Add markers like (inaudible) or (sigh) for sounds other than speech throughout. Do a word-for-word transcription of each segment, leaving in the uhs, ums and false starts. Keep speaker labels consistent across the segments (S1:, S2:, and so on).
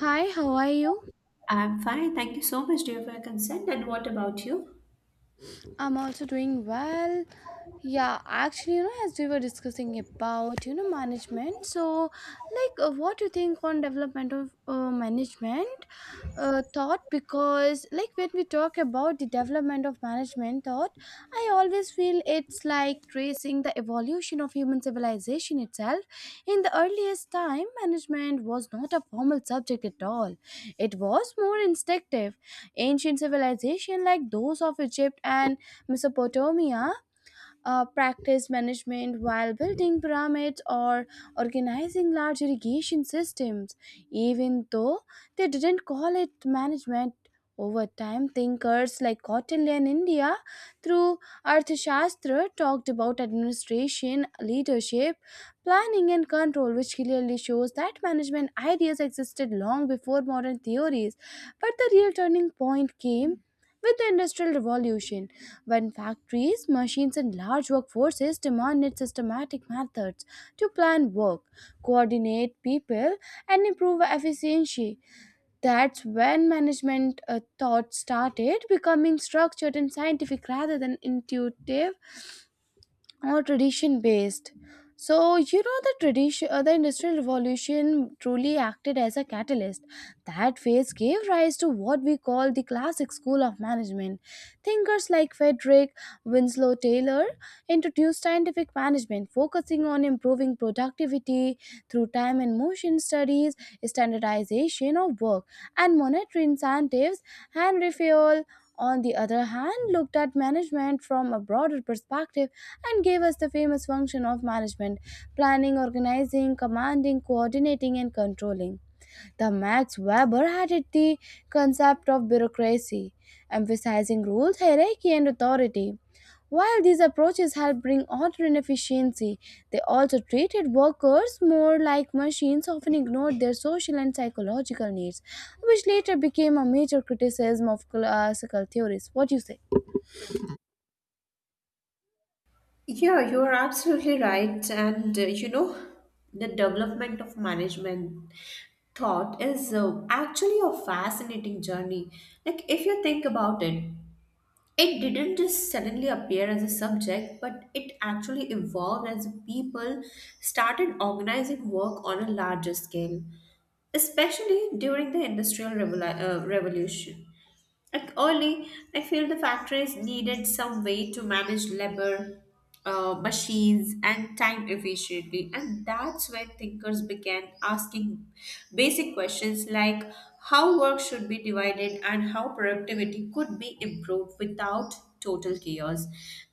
S1: Hi, how are you?
S2: I'm fine. Thank you so much, dear, for your consent. And what about you?
S1: I'm also doing well. Yeah, actually, you know, as we were discussing about, you know, management. So, like, uh, what do you think on development of uh, management uh, thought? Because, like, when we talk about the development of management thought, I always feel it's like tracing the evolution of human civilization itself. In the earliest time, management was not a formal subject at all. It was more instinctive. Ancient civilization like those of Egypt and Mesopotamia uh, practiced management while building pyramids or organizing large irrigation systems. Even though they didn't call it management, over time thinkers like Kautilya in India through Arthashastra talked about administration, leadership, planning and control, which clearly shows that management ideas existed long before modern theories. But the real turning point came with the Industrial Revolution when factories, machines, and large workforces demanded systematic methods to plan work, coordinate people, and improve efficiency. That's when management uh, thought started becoming structured and scientific rather than intuitive or tradition based. So you know, the tradition uh, the Industrial Revolution truly acted as a catalyst. That phase gave rise to what we call the classic school of management. Thinkers like Frederick Winslow Taylor introduced scientific management, focusing on improving productivity through time and motion studies, standardization of work, and monetary incentives. And Refuel, on the other hand, looked at management from a broader perspective and gave us the famous function of management: planning, organizing, commanding, coordinating, and controlling. The Max Weber added the concept of bureaucracy, emphasizing rules, hierarchy, and authority. While these approaches help bring order and efficiency, they also treated workers more like machines, often ignored their social and psychological needs, which later became a major criticism of classical theories. What do you say?
S2: Yeah, you are absolutely right. And uh, you know, the development of management thought is uh, actually a fascinating journey. Like, if you think about it, it didn't just suddenly appear as a subject, but it actually evolved as people started organizing work on a larger scale, especially during the Industrial Revolu- uh, Revolution. Like early, I feel the factories needed some way to manage labor, uh, machines, and time efficiently. And that's when thinkers began asking basic questions like how work should be divided and how productivity could be improved without total chaos.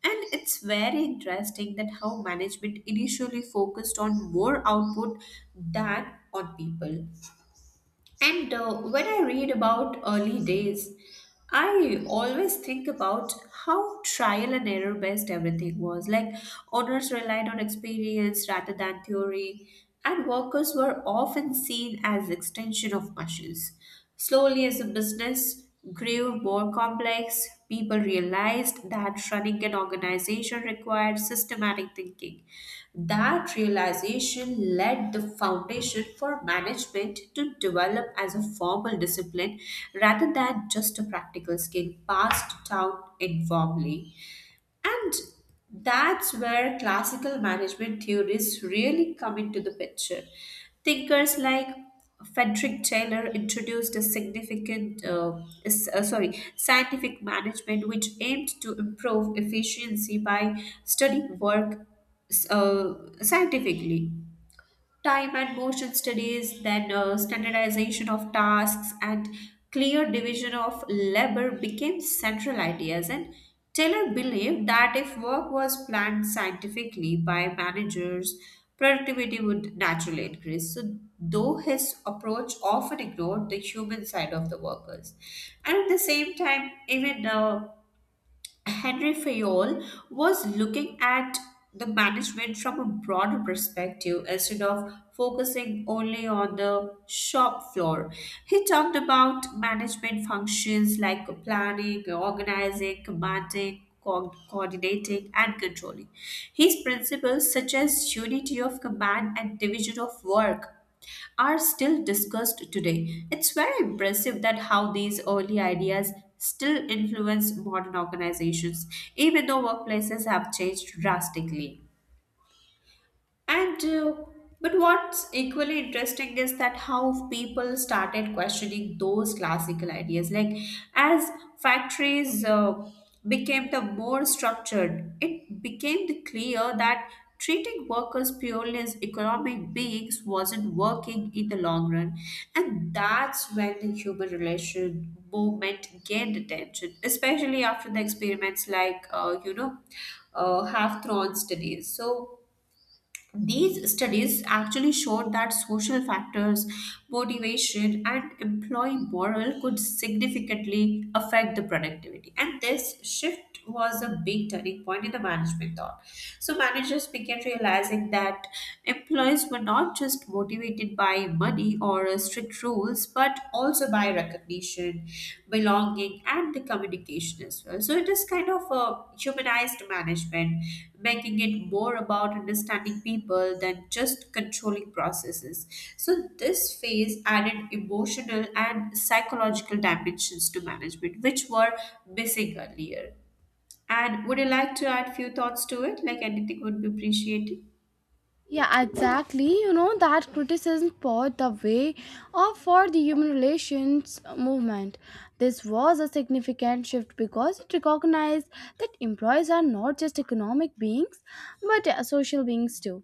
S2: And it's very interesting that how management initially focused on more output than on people. And uh, when I read about early days, I always think about how trial and error based everything was. Like, owners relied on experience rather than theory, and workers were often seen as extension of machines. Slowly, as a business grew more complex, people realized that running an organization required systematic thinking. That realization led the foundation for management to develop as a formal discipline rather than just a practical skill passed down informally. And that's where classical management theories really come into the picture. Thinkers like Frederick Taylor introduced a significant, uh, s- uh, sorry, scientific management which aimed to improve efficiency by studying work uh, scientifically, time and motion studies, then uh, standardization of tasks and clear division of labor became central ideas. And Taylor believed that if work was planned scientifically by managers, productivity would naturally increase. So, though his approach often ignored the human side of the workers, and at the same time, even uh, Henry Fayol was looking at the management from a broader perspective instead of focusing only on the shop floor. He talked about management functions like planning, organizing, commanding, co- coordinating, and controlling. His principles such as unity of command and division of work are still discussed today. It's very impressive that how these early ideas still influence modern organizations, even though workplaces have changed drastically. And uh, but what's equally interesting is that how people started questioning those classical ideas. Like as factories uh, became the more structured, it became the clear that treating workers purely as economic beings wasn't working in the long run, and that's when the human relation movement gained attention, especially after the experiments like uh, you know uh, half-thrown studies. So these studies actually showed that social factors, motivation, and employee morale could significantly affect the productivity. And this shift was a big turning point in the management thought. So, managers began realizing that employees were not just motivated by money or uh, strict rules, but but also by recognition, belonging, and the communication as well. So it is kind of a humanized management, making it more about understanding people than just controlling processes. So this phase added emotional and psychological dimensions to management, which were missing earlier. And would you like to add few thoughts to it? Like anything would be appreciated.
S1: Yeah, exactly. You know that criticism paved the way of for the human relations movement. This was a significant shift because it recognized that employees are not just economic beings, but uh, social beings too.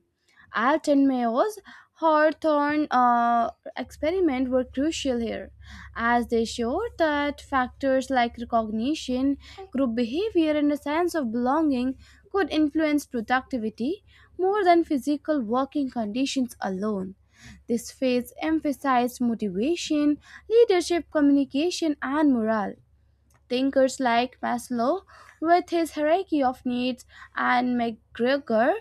S1: Alton Mayo's Hawthorne uh, experiment were crucial here, as they showed that factors like recognition, group behavior, and a sense of belonging could influence productivity more than physical working conditions alone. This phase emphasized motivation, leadership, communication, and morale. Thinkers like Maslow with his hierarchy of needs and McGregor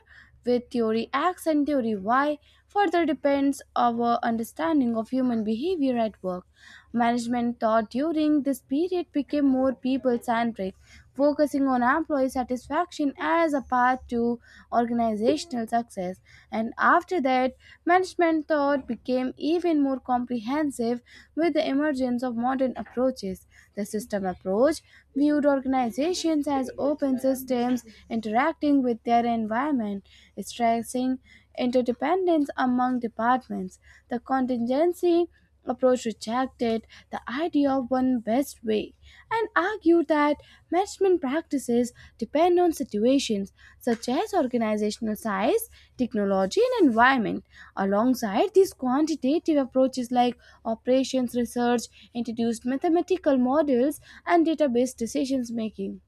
S1: with theory X and theory Y further depends our understanding of human behavior at work. Management thought during this period became more people centric, focusing on employee satisfaction as a path to organizational success. And after that, management thought became even more comprehensive with the emergence of modern approaches. The system approach viewed organizations as open systems interacting with their environment, stressing interdependence among departments. The contingency approach rejected the idea of one best way and argued that management practices depend on situations such as organizational size, technology, and environment. Alongside these, quantitative approaches like operations research introduced mathematical models and database decisions making.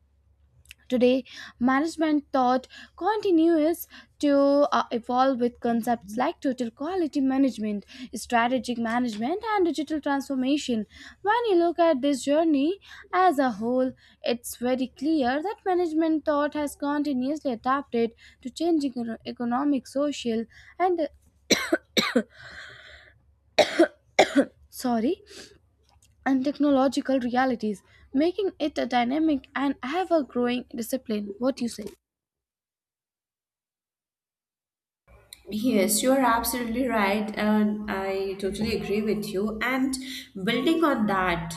S1: Today, management thought continues to uh, evolve with concepts like total quality management, strategic management, and digital transformation. When you look at this journey as a whole, it's very clear that management thought has continuously adapted to changing econo- economic, social, and uh, sorry, and technological realities, making it a dynamic and ever-growing discipline. What do you say?
S2: Yes, you're absolutely right, and I totally agree with you. And building on that,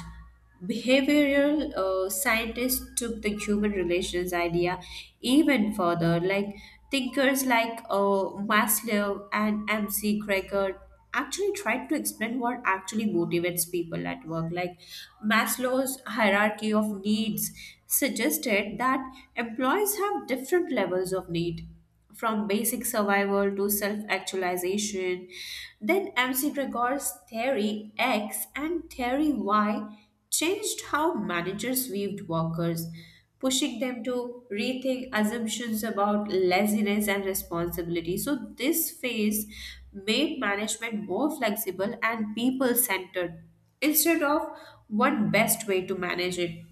S2: behavioral uh, scientists took the human relations idea even further. Like thinkers like uh, Maslow and M C Gregor actually tried to explain what actually motivates people at work. Like Maslow's hierarchy of needs suggested that employees have different levels of need from basic survival to self actualization. Then M C Gregor's theory X and theory Y changed how managers viewed workers, pushing them to rethink assumptions about laziness and responsibility. So, this phase made management more flexible and people centered instead of one best way to manage it.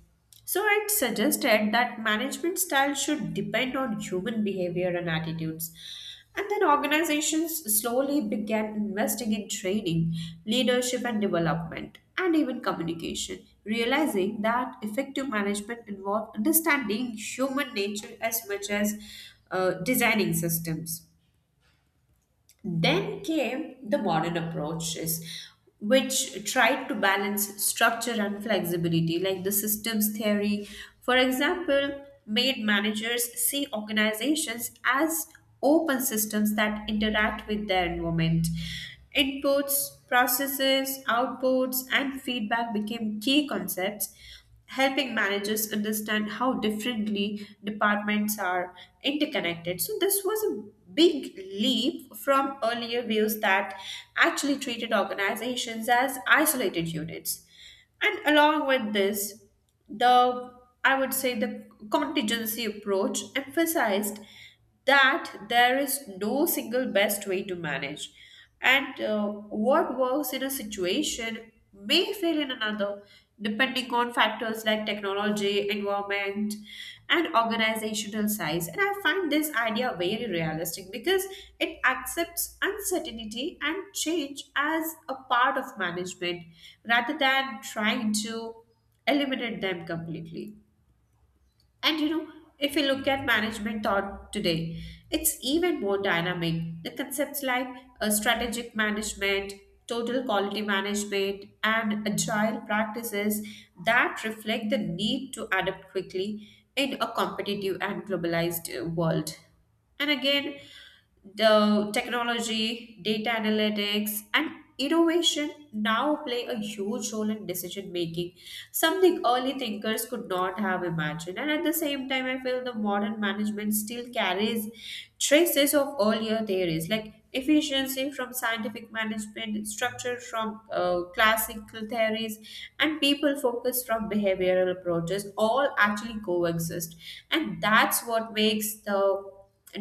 S2: So it suggested that management style should depend on human behavior and attitudes. And then organizations slowly began investing in training, leadership and development, and even communication, realizing that effective management involved understanding human nature as much as uh, designing systems. Then came the modern approaches, which tried to balance structure and flexibility, like the systems theory. For example, made managers see organizations as open systems that interact with their environment. Inputs, processes, outputs, and feedback became key concepts helping managers understand how differently departments are interconnected. So, this was a big leap from earlier views that actually treated organizations as isolated units. And along with this, the I would say the contingency approach emphasized that there is no single best way to manage. And uh, what works in a situation may fail in another, depending on factors like technology, environment, and organizational size. And I find this idea very realistic because it accepts uncertainty and change as a part of management rather than trying to eliminate them completely. And you know, if you look at management thought today, it's even more dynamic. The concepts like uh, strategic management, total quality management, and agile practices that reflect the need to adapt quickly in a competitive and globalized uh, world. And again, the technology, data analytics, and innovation now play a huge role in decision making, something early thinkers could not have imagined. And at the same time, I feel the modern management still carries traces of earlier theories like efficiency from scientific management, structure from uh, classical theories, and people focused from behavioral approaches all actually coexist. And that's what makes the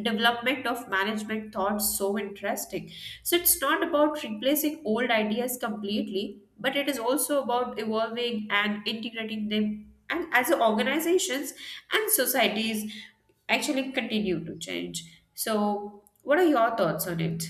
S2: development of management thought so interesting. So it's not about replacing old ideas completely, but it is also about evolving and integrating them. And as organizations and societies actually continue to change, so what are your thoughts on it?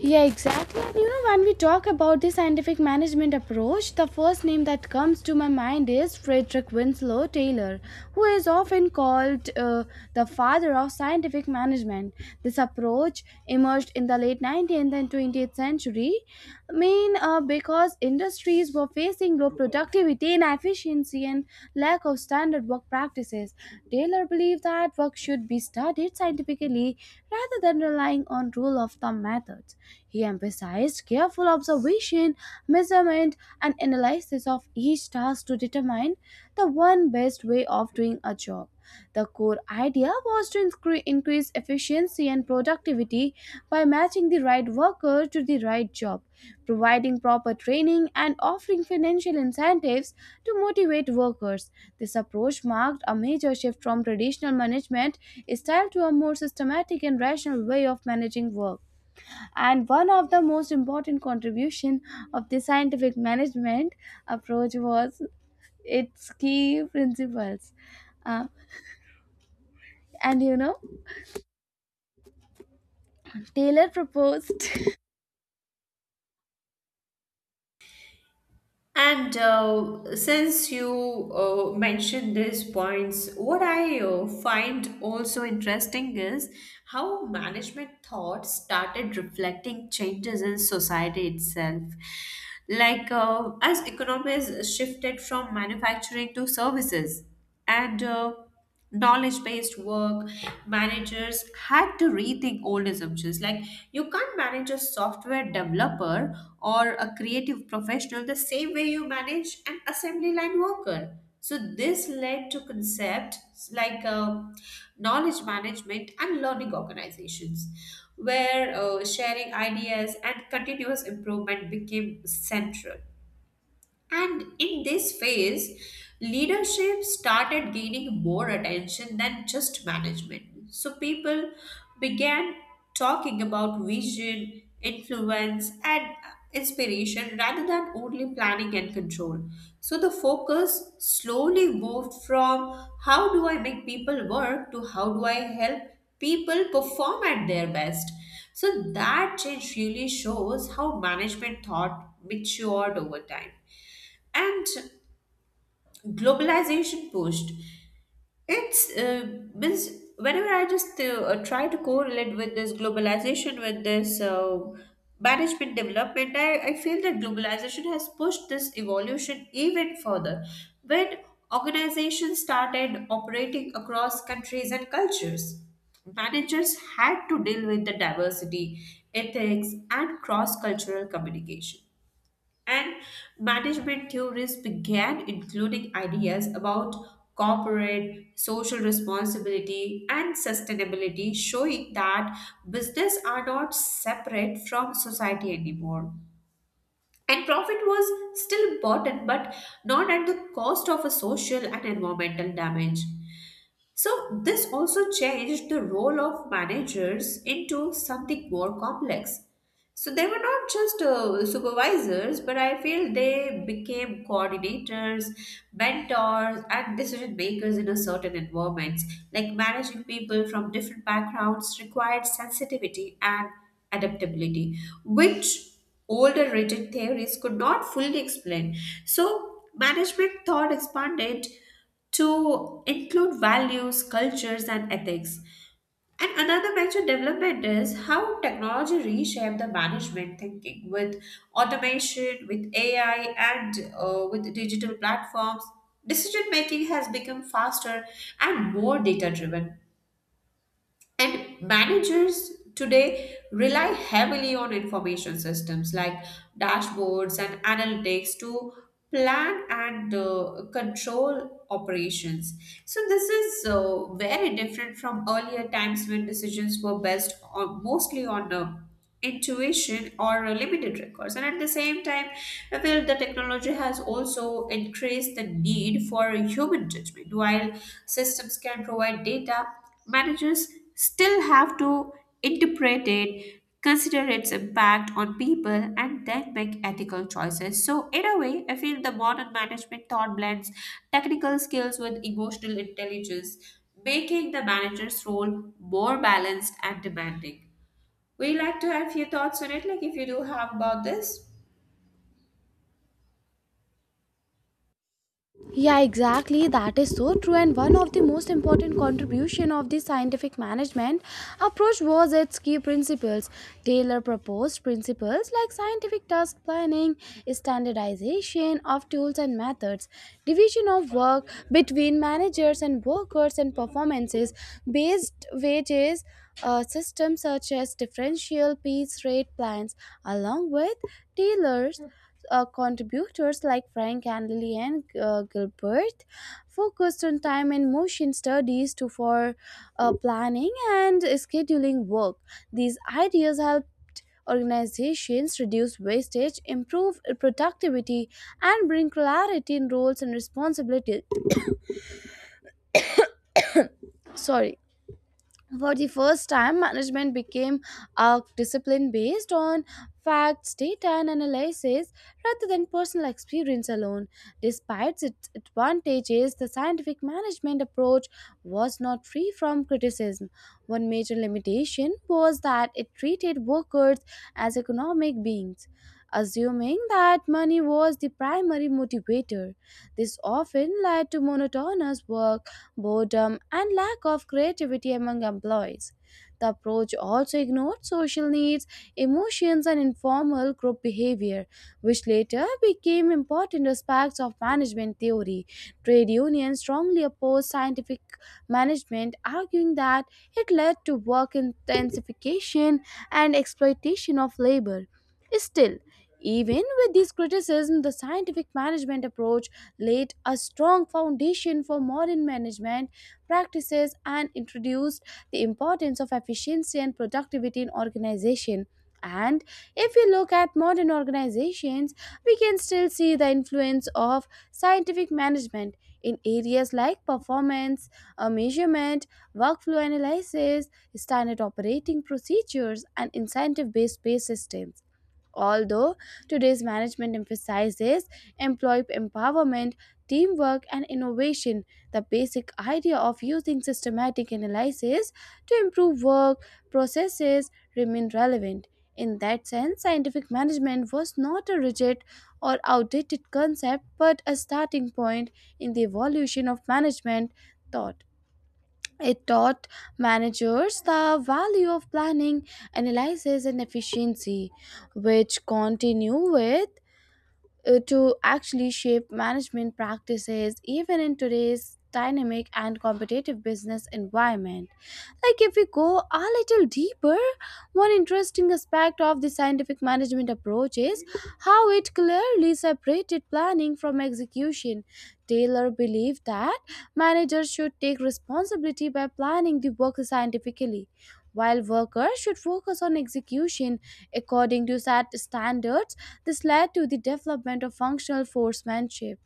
S1: Yeah, exactly. And you know, when we talk about the scientific management approach, the first name that comes to my mind is Frederick Winslow Taylor, who is often called uh, the father of scientific management. This approach emerged in the late nineteenth and twentieth century industry. I mean, uh, because industries were facing low productivity, inefficiency, and lack of standard work practices. Taylor believed that work should be studied scientifically rather than relying on rule of thumb methods. He emphasized careful observation, measurement, and analysis of each task to determine the one best way of doing a job. The core idea was to incre- increase efficiency and productivity by matching the right worker to the right job, providing proper training, and offering financial incentives to motivate workers. This approach marked a major shift from traditional management style to a more systematic and rational way of managing work. And one of the most important contribution of the scientific management approach was its key principles. Uh, and you know, Taylor proposed (laughs)
S2: And uh, since you uh, mentioned these points, what I uh, find also interesting is how management thought started reflecting changes in society itself. Like uh, as economies shifted from manufacturing to services, and uh, knowledge based work, managers had to rethink old assumptions like you can't manage a software developer or a creative professional the same way you manage an assembly line worker. So this led to concepts like uh, knowledge management and learning organizations, where uh, sharing ideas and continuous improvement became central. And in this phase, leadership started gaining more attention than just management. So people began talking about vision, influence, and inspiration rather than only planning and control. So the focus slowly moved from how do I make people work to how do I help people perform at their best. So that change really shows how management thought matured over time. And globalization pushed it's uh, means whenever I just uh, try to correlate with this globalization with this uh, management development, I, I feel that globalization has pushed this evolution even further. When organizations started operating across countries and cultures, managers had to deal with the diversity, ethics, and cross-cultural communication. And management theories began including ideas about corporate social responsibility and sustainability, showing that business are not separate from society anymore. And profit was still important, but not at the cost of a social and environmental damage. So, this also changed the role of managers into something more complex. So, they were not just uh, supervisors, but I feel they became coordinators, mentors, and decision makers in a certain environment. Like managing people from different backgrounds required sensitivity and adaptability, which older rigid theories could not fully explain. So, management thought expanded to include values, cultures, and ethics. And another major development is how technology reshaped the management thinking with automation, with A I, and uh, with digital platforms. Decision making has become faster and more data driven. And managers today rely heavily on information systems like dashboards and analytics to plan and uh, control operations. So, this is uh, very different from earlier times when decisions were based on mostly on uh, intuition or uh, limited records. And at the same time, I feel the technology has also increased the need for human judgment. While systems can provide data, managers still have to interpret it, consider its impact on people, and then make ethical choices. So, in a way, I feel the modern management thought blends technical skills with emotional intelligence, making the manager's role more balanced and demanding. Would you like to have few thoughts on it, like if you do have about this?
S1: Yeah, exactly. That is so true. And one of the most important contribution of the scientific management approach was its key principles. Taylor proposed principles like scientific task planning, standardization of tools and methods, division of work between managers and workers, and performances based wages. Uh, systems such as differential piece rate plans, along with Taylor's uh, contributors like Frank and Lillian uh, Gilbert focused on time and motion studies to for uh, planning and scheduling work. These ideas helped organizations reduce wastage, improve productivity, and bring clarity in roles and responsibilities. Sorry. For the first time, management became a discipline based on facts, data, and analysis rather than personal experience alone. Despite its advantages, the scientific management approach was not free from criticism. One major limitation was that it treated workers as economic beings. Assuming that money was the primary motivator, this often led to monotonous work boredom, and lack of creativity among employees. The approach also ignored social needs, emotions, and informal group behavior, which later became important aspects of management theory. Trade unions strongly opposed scientific management, arguing that it led to work intensification and exploitation of labor. Still, even with this criticism, the scientific management approach laid a strong foundation for modern management practices and introduced the importance of efficiency and productivity in organization. And if we look at modern organizations, we can still see the influence of scientific management in areas like performance, uh, measurement, workflow analysis, standard operating procedures, and incentive based pay systems. Although today's management emphasizes employee empowerment, teamwork, and innovation, the basic idea of using systematic analysis to improve work processes remain relevant. In that sense, scientific management was not a rigid or outdated concept but a starting point in the evolution of management thought. It taught managers the value of planning, analysis, and efficiency, which continue with uh, to actually shape management practices even in today's dynamic and competitive business environment. Like, if we go a little deeper, one interesting aspect of the scientific management approach is how it clearly separated planning from execution. Taylor believed that managers should take responsibility by planning the work scientifically, while workers should focus on execution according to set standards. This led to the development of functional forcemanship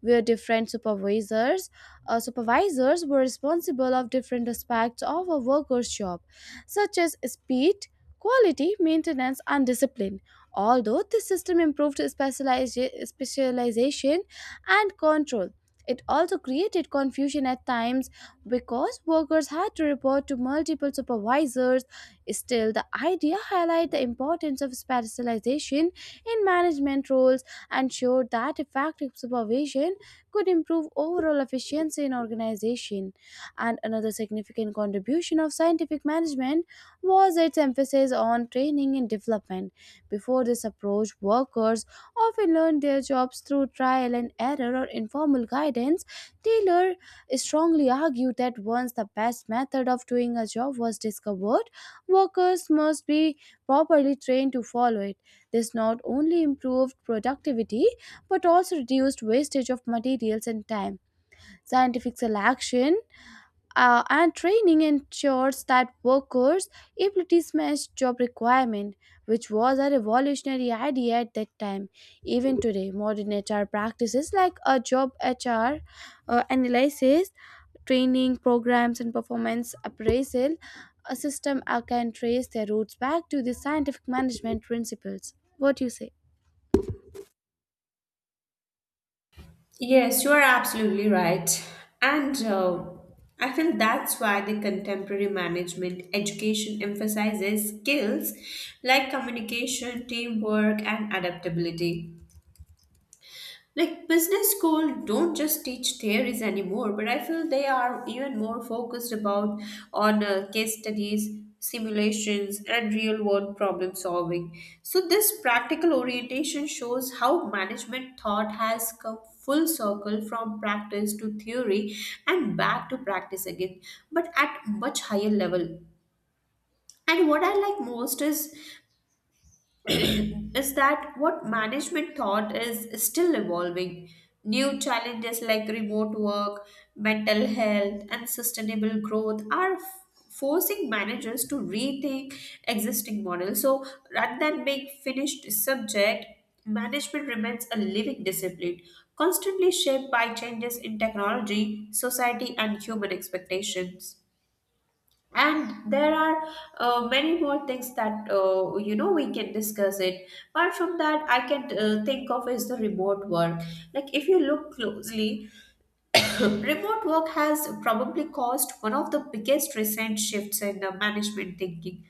S1: where different supervisors uh, supervisors were responsible of different aspects of a worker's job such as speed, quality, maintenance, and discipline. Although this system improved specializa- specialization and control, it also created confusion at times because workers had to report to multiple supervisors. Still, the idea highlighted the importance of specialization in management roles and showed that effective supervision could improve overall efficiency in organization. And another significant contribution of scientific management was its emphasis on training and development. Before this approach, workers often learned their jobs through trial and error or informal guidance. Taylor strongly argued that once the best method of doing a job was discovered, workers must be properly trained to follow it. This not only improved productivity but also reduced wastage of materials and time. Scientific selection uh, and training ensures that workers' abilities match job requirement, which was a revolutionary idea at that time. Even today, modern H R practices like a job H R uh, analysis, training programs, and performance appraisal a system uh, can trace their roots back to the scientific management principles. What do you say?
S2: Yes, you are absolutely right. And uh, I feel that's why the contemporary management education emphasizes skills like communication, teamwork, and adaptability. Like business school don't just teach theories anymore, but I feel they are even more focused about on uh, case studies, simulations, and real world problem solving. So this practical orientation shows how management thought has come full circle from practice to theory and back to practice again, but at much higher level. And what I like most is (clears throat) is that what management thought is still evolving. New challenges like remote work, mental health, and sustainable growth are f- forcing managers to rethink existing models. So, rather than being finished subject, management remains a living discipline, constantly shaped by changes in technology, society, and human expectations, and there are uh, many more things that uh, you know we can discuss it. Apart from that, I can uh, think of is the remote work. Like, if you look closely, (coughs) remote work has probably caused one of the biggest recent shifts in the management thinking.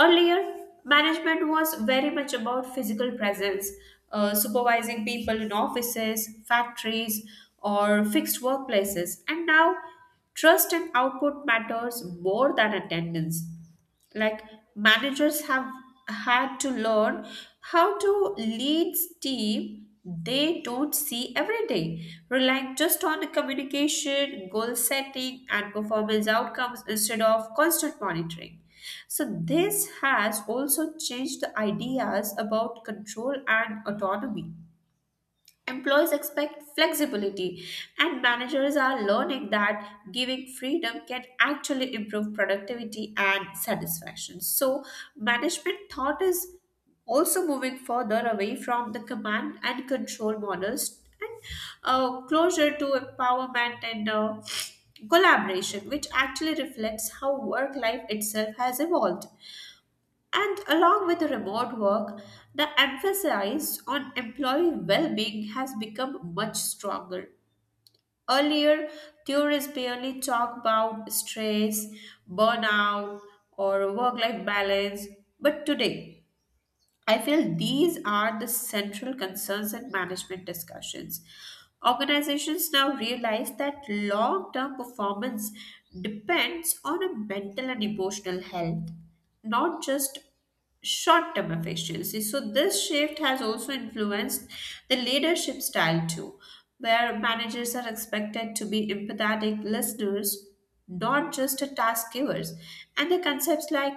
S2: Earlier, management was very much about physical presence, uh, supervising people in offices, factories, or fixed workplaces. And now, trust and output matters more than attendance, like managers have had to learn how to lead team they don't see every day, relying just on the communication, goal setting, and performance outcomes instead of constant monitoring. So this has also changed the ideas about control and autonomy. Employees expect flexibility, and managers are learning that giving freedom can actually improve productivity and satisfaction. So, management thought is also moving further away from the command and control models and uh, closer to empowerment and uh, collaboration, which actually reflects how work life itself has evolved. And along with the remote work, the emphasis on employee well being has become much stronger. Earlier, theorists barely talk about stress, burnout, or work life balance, but today, I feel these are the central concerns in management discussions. Organizations now realize that long term performance depends on a mental and emotional health, not just short term efficiency. So, this shift has also influenced the leadership style too, where managers are expected to be empathetic listeners, not just a task givers. And the concepts like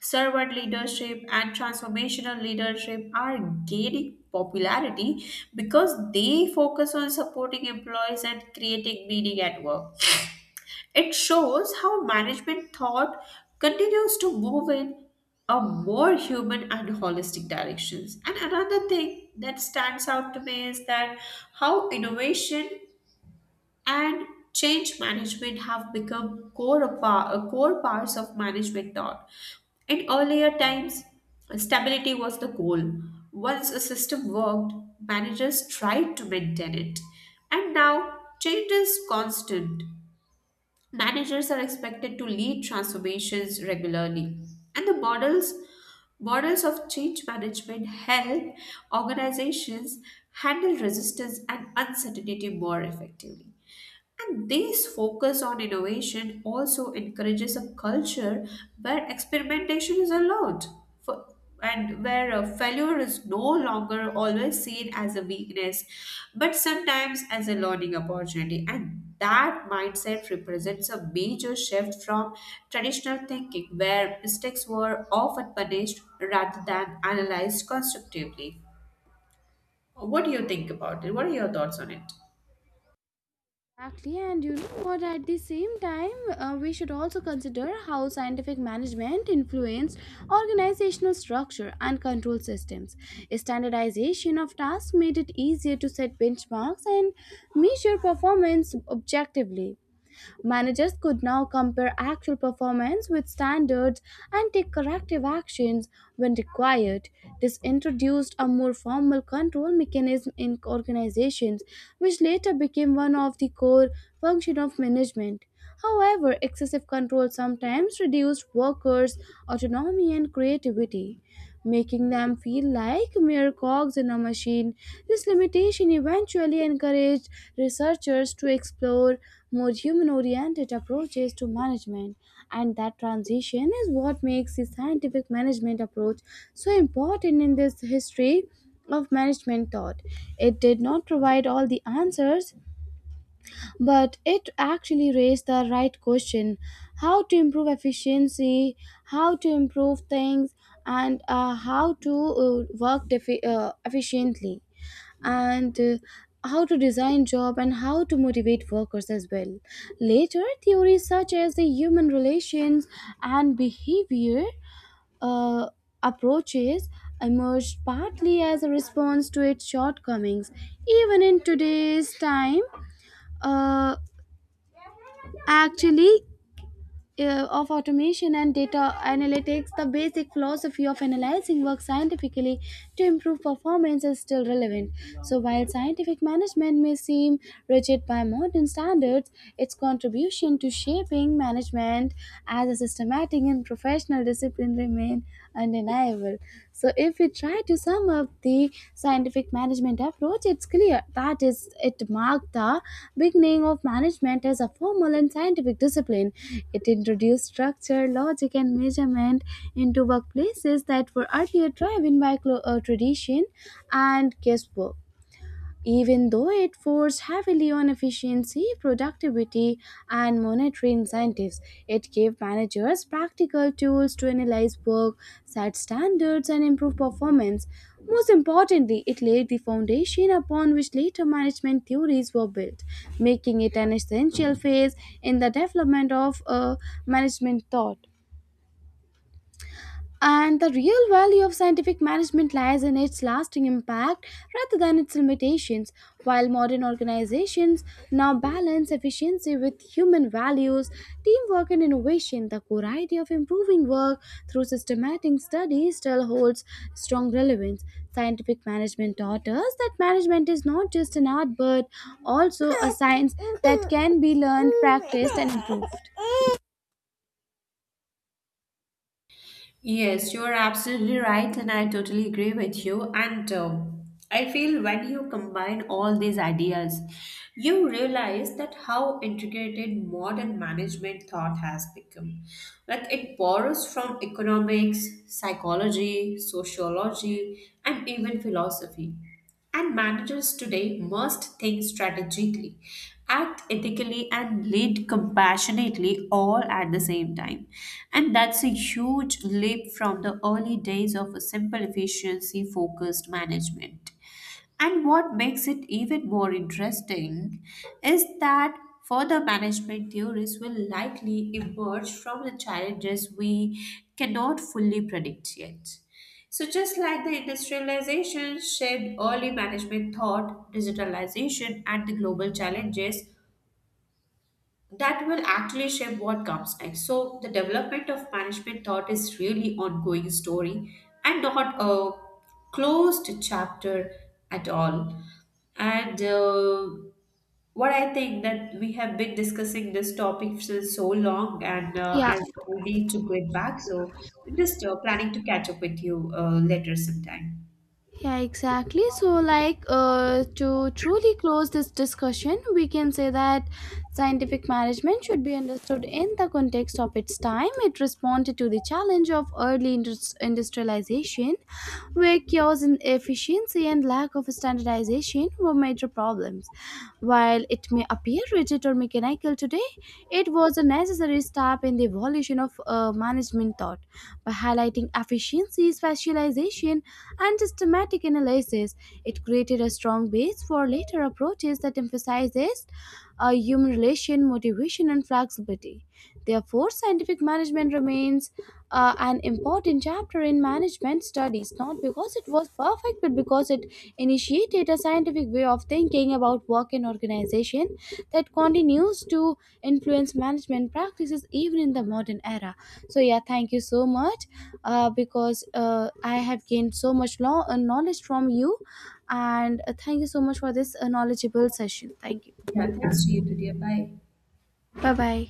S2: servant leadership and transformational leadership are gaining popularity because they focus on supporting employees and creating meaning at work. It shows how management thought continues to move in a more human and holistic directions. And another thing that stands out to me is that how innovation and change management have become core of par- uh, core parts of management thought. In earlier times, stability was the goal. Once a system worked, managers tried to maintain it. And now, change is constant. Managers are expected to lead transformations regularly, and the models models of change management help organizations handle resistance and uncertainty more effectively. And this focus on innovation also encourages a culture where experimentation is allowed for, and where uh, failure is no longer always seen as a weakness but sometimes as a learning opportunity. And that mindset represents a major shift from traditional thinking where mistakes were often punished rather than analyzed constructively. What do you think about it? What are your thoughts on it?
S1: Exactly, and you know what? At the same time, uh, we should also consider how scientific management influenced organizational structure and control systems. Standardization of tasks made it easier to set benchmarks and measure performance objectively. Managers could now compare actual performance with standards and take corrective actions when required. This introduced a more formal control mechanism in organizations, which later became one of the core functions of management. However, excessive control sometimes reduced workers' autonomy and creativity, making them feel like mere cogs in a machine. This limitation eventually encouraged researchers to explore more human oriented approaches to management, and that transition is what makes the scientific management approach so important in this history of management thought. It did not provide all the answers, but it actually raised the right question: how to improve efficiency, how to improve things, and uh, how to uh, work defi- uh, efficiently, and uh, how to design job, and how to motivate workers as well. Later theories such as the human relations and behavior uh, approaches emerged partly as a response to its shortcomings. Even in today's time, uh, Actually, uh, of automation and data analytics, the basic philosophy of analyzing work scientifically to improve performance is still relevant. So, while scientific management may seem rigid by modern standards, its contribution to shaping management as a systematic and professional discipline remain undeniable. So, if we try to sum up the scientific management approach, it's clear that is it marked the beginning of management as a formal and scientific discipline. It introduced structure, logic, and measurement into workplaces that were earlier driven by clo- uh, tradition and guesswork, even though it forced heavily on efficiency, productivity, and monetary incentives. It gave managers practical tools to analyze work, set standards, and improve performance. Most importantly, it laid the foundation upon which later management theories were built, making it an essential phase in the development of a management thought. And the real value of scientific management lies in its lasting impact rather than its limitations. While modern organizations now balance efficiency with human values, teamwork, and innovation, the core idea of improving work through systematic study still holds strong relevance. Scientific management taught us that management is not just an art but also a science that can be learned, practiced, and improved.
S2: Yes, you're absolutely right, and I totally agree with you. And uh, I feel when you combine all these ideas, you realize that how integrated modern management thought has become. Like, it borrows from economics, psychology, sociology, and even philosophy. And managers today must think strategically, act ethically, and lead compassionately all at the same time. And that's a huge leap from the early days of a simple efficiency focused management. And what makes it even more interesting is that further management theories will likely emerge from the challenges we cannot fully predict yet. So, just like the industrialization shaped early management thought, digitalization, and the global challenges that will actually shape what comes next. So the development of management thought is really ongoing story and not a closed chapter at all. And uh, what I think that we have been discussing this topic for so long, and uh,
S1: Yeah.
S2: I need to get back. So just uh, planning to catch up with you uh, later sometime.
S1: Yeah, exactly. So, like, uh, to truly close this discussion, we can say that scientific management should be understood in the context of its time. It responded to the challenge of early indus- industrialization, where chaos inefficiency, and lack of standardization were major problems. While it may appear rigid or mechanical today, it was a necessary step in the evolution of uh, management thought. By highlighting efficiency, specialization, and systematic analysis, it created a strong base for later approaches that emphasizes uh, human relation, motivation, and flexibility. Therefore, scientific management remains uh, an important chapter in management studies, not because it was perfect, but because it initiated a scientific way of thinking about work and organization that continues to influence management practices even in the modern era. So yeah, thank you so much, uh, because uh, I have gained so much law uh, knowledge from you, and uh, thank you so much for this uh, knowledgeable session. Thank you.
S2: Yeah, thanks to you, dear. Bye.
S1: Bye bye.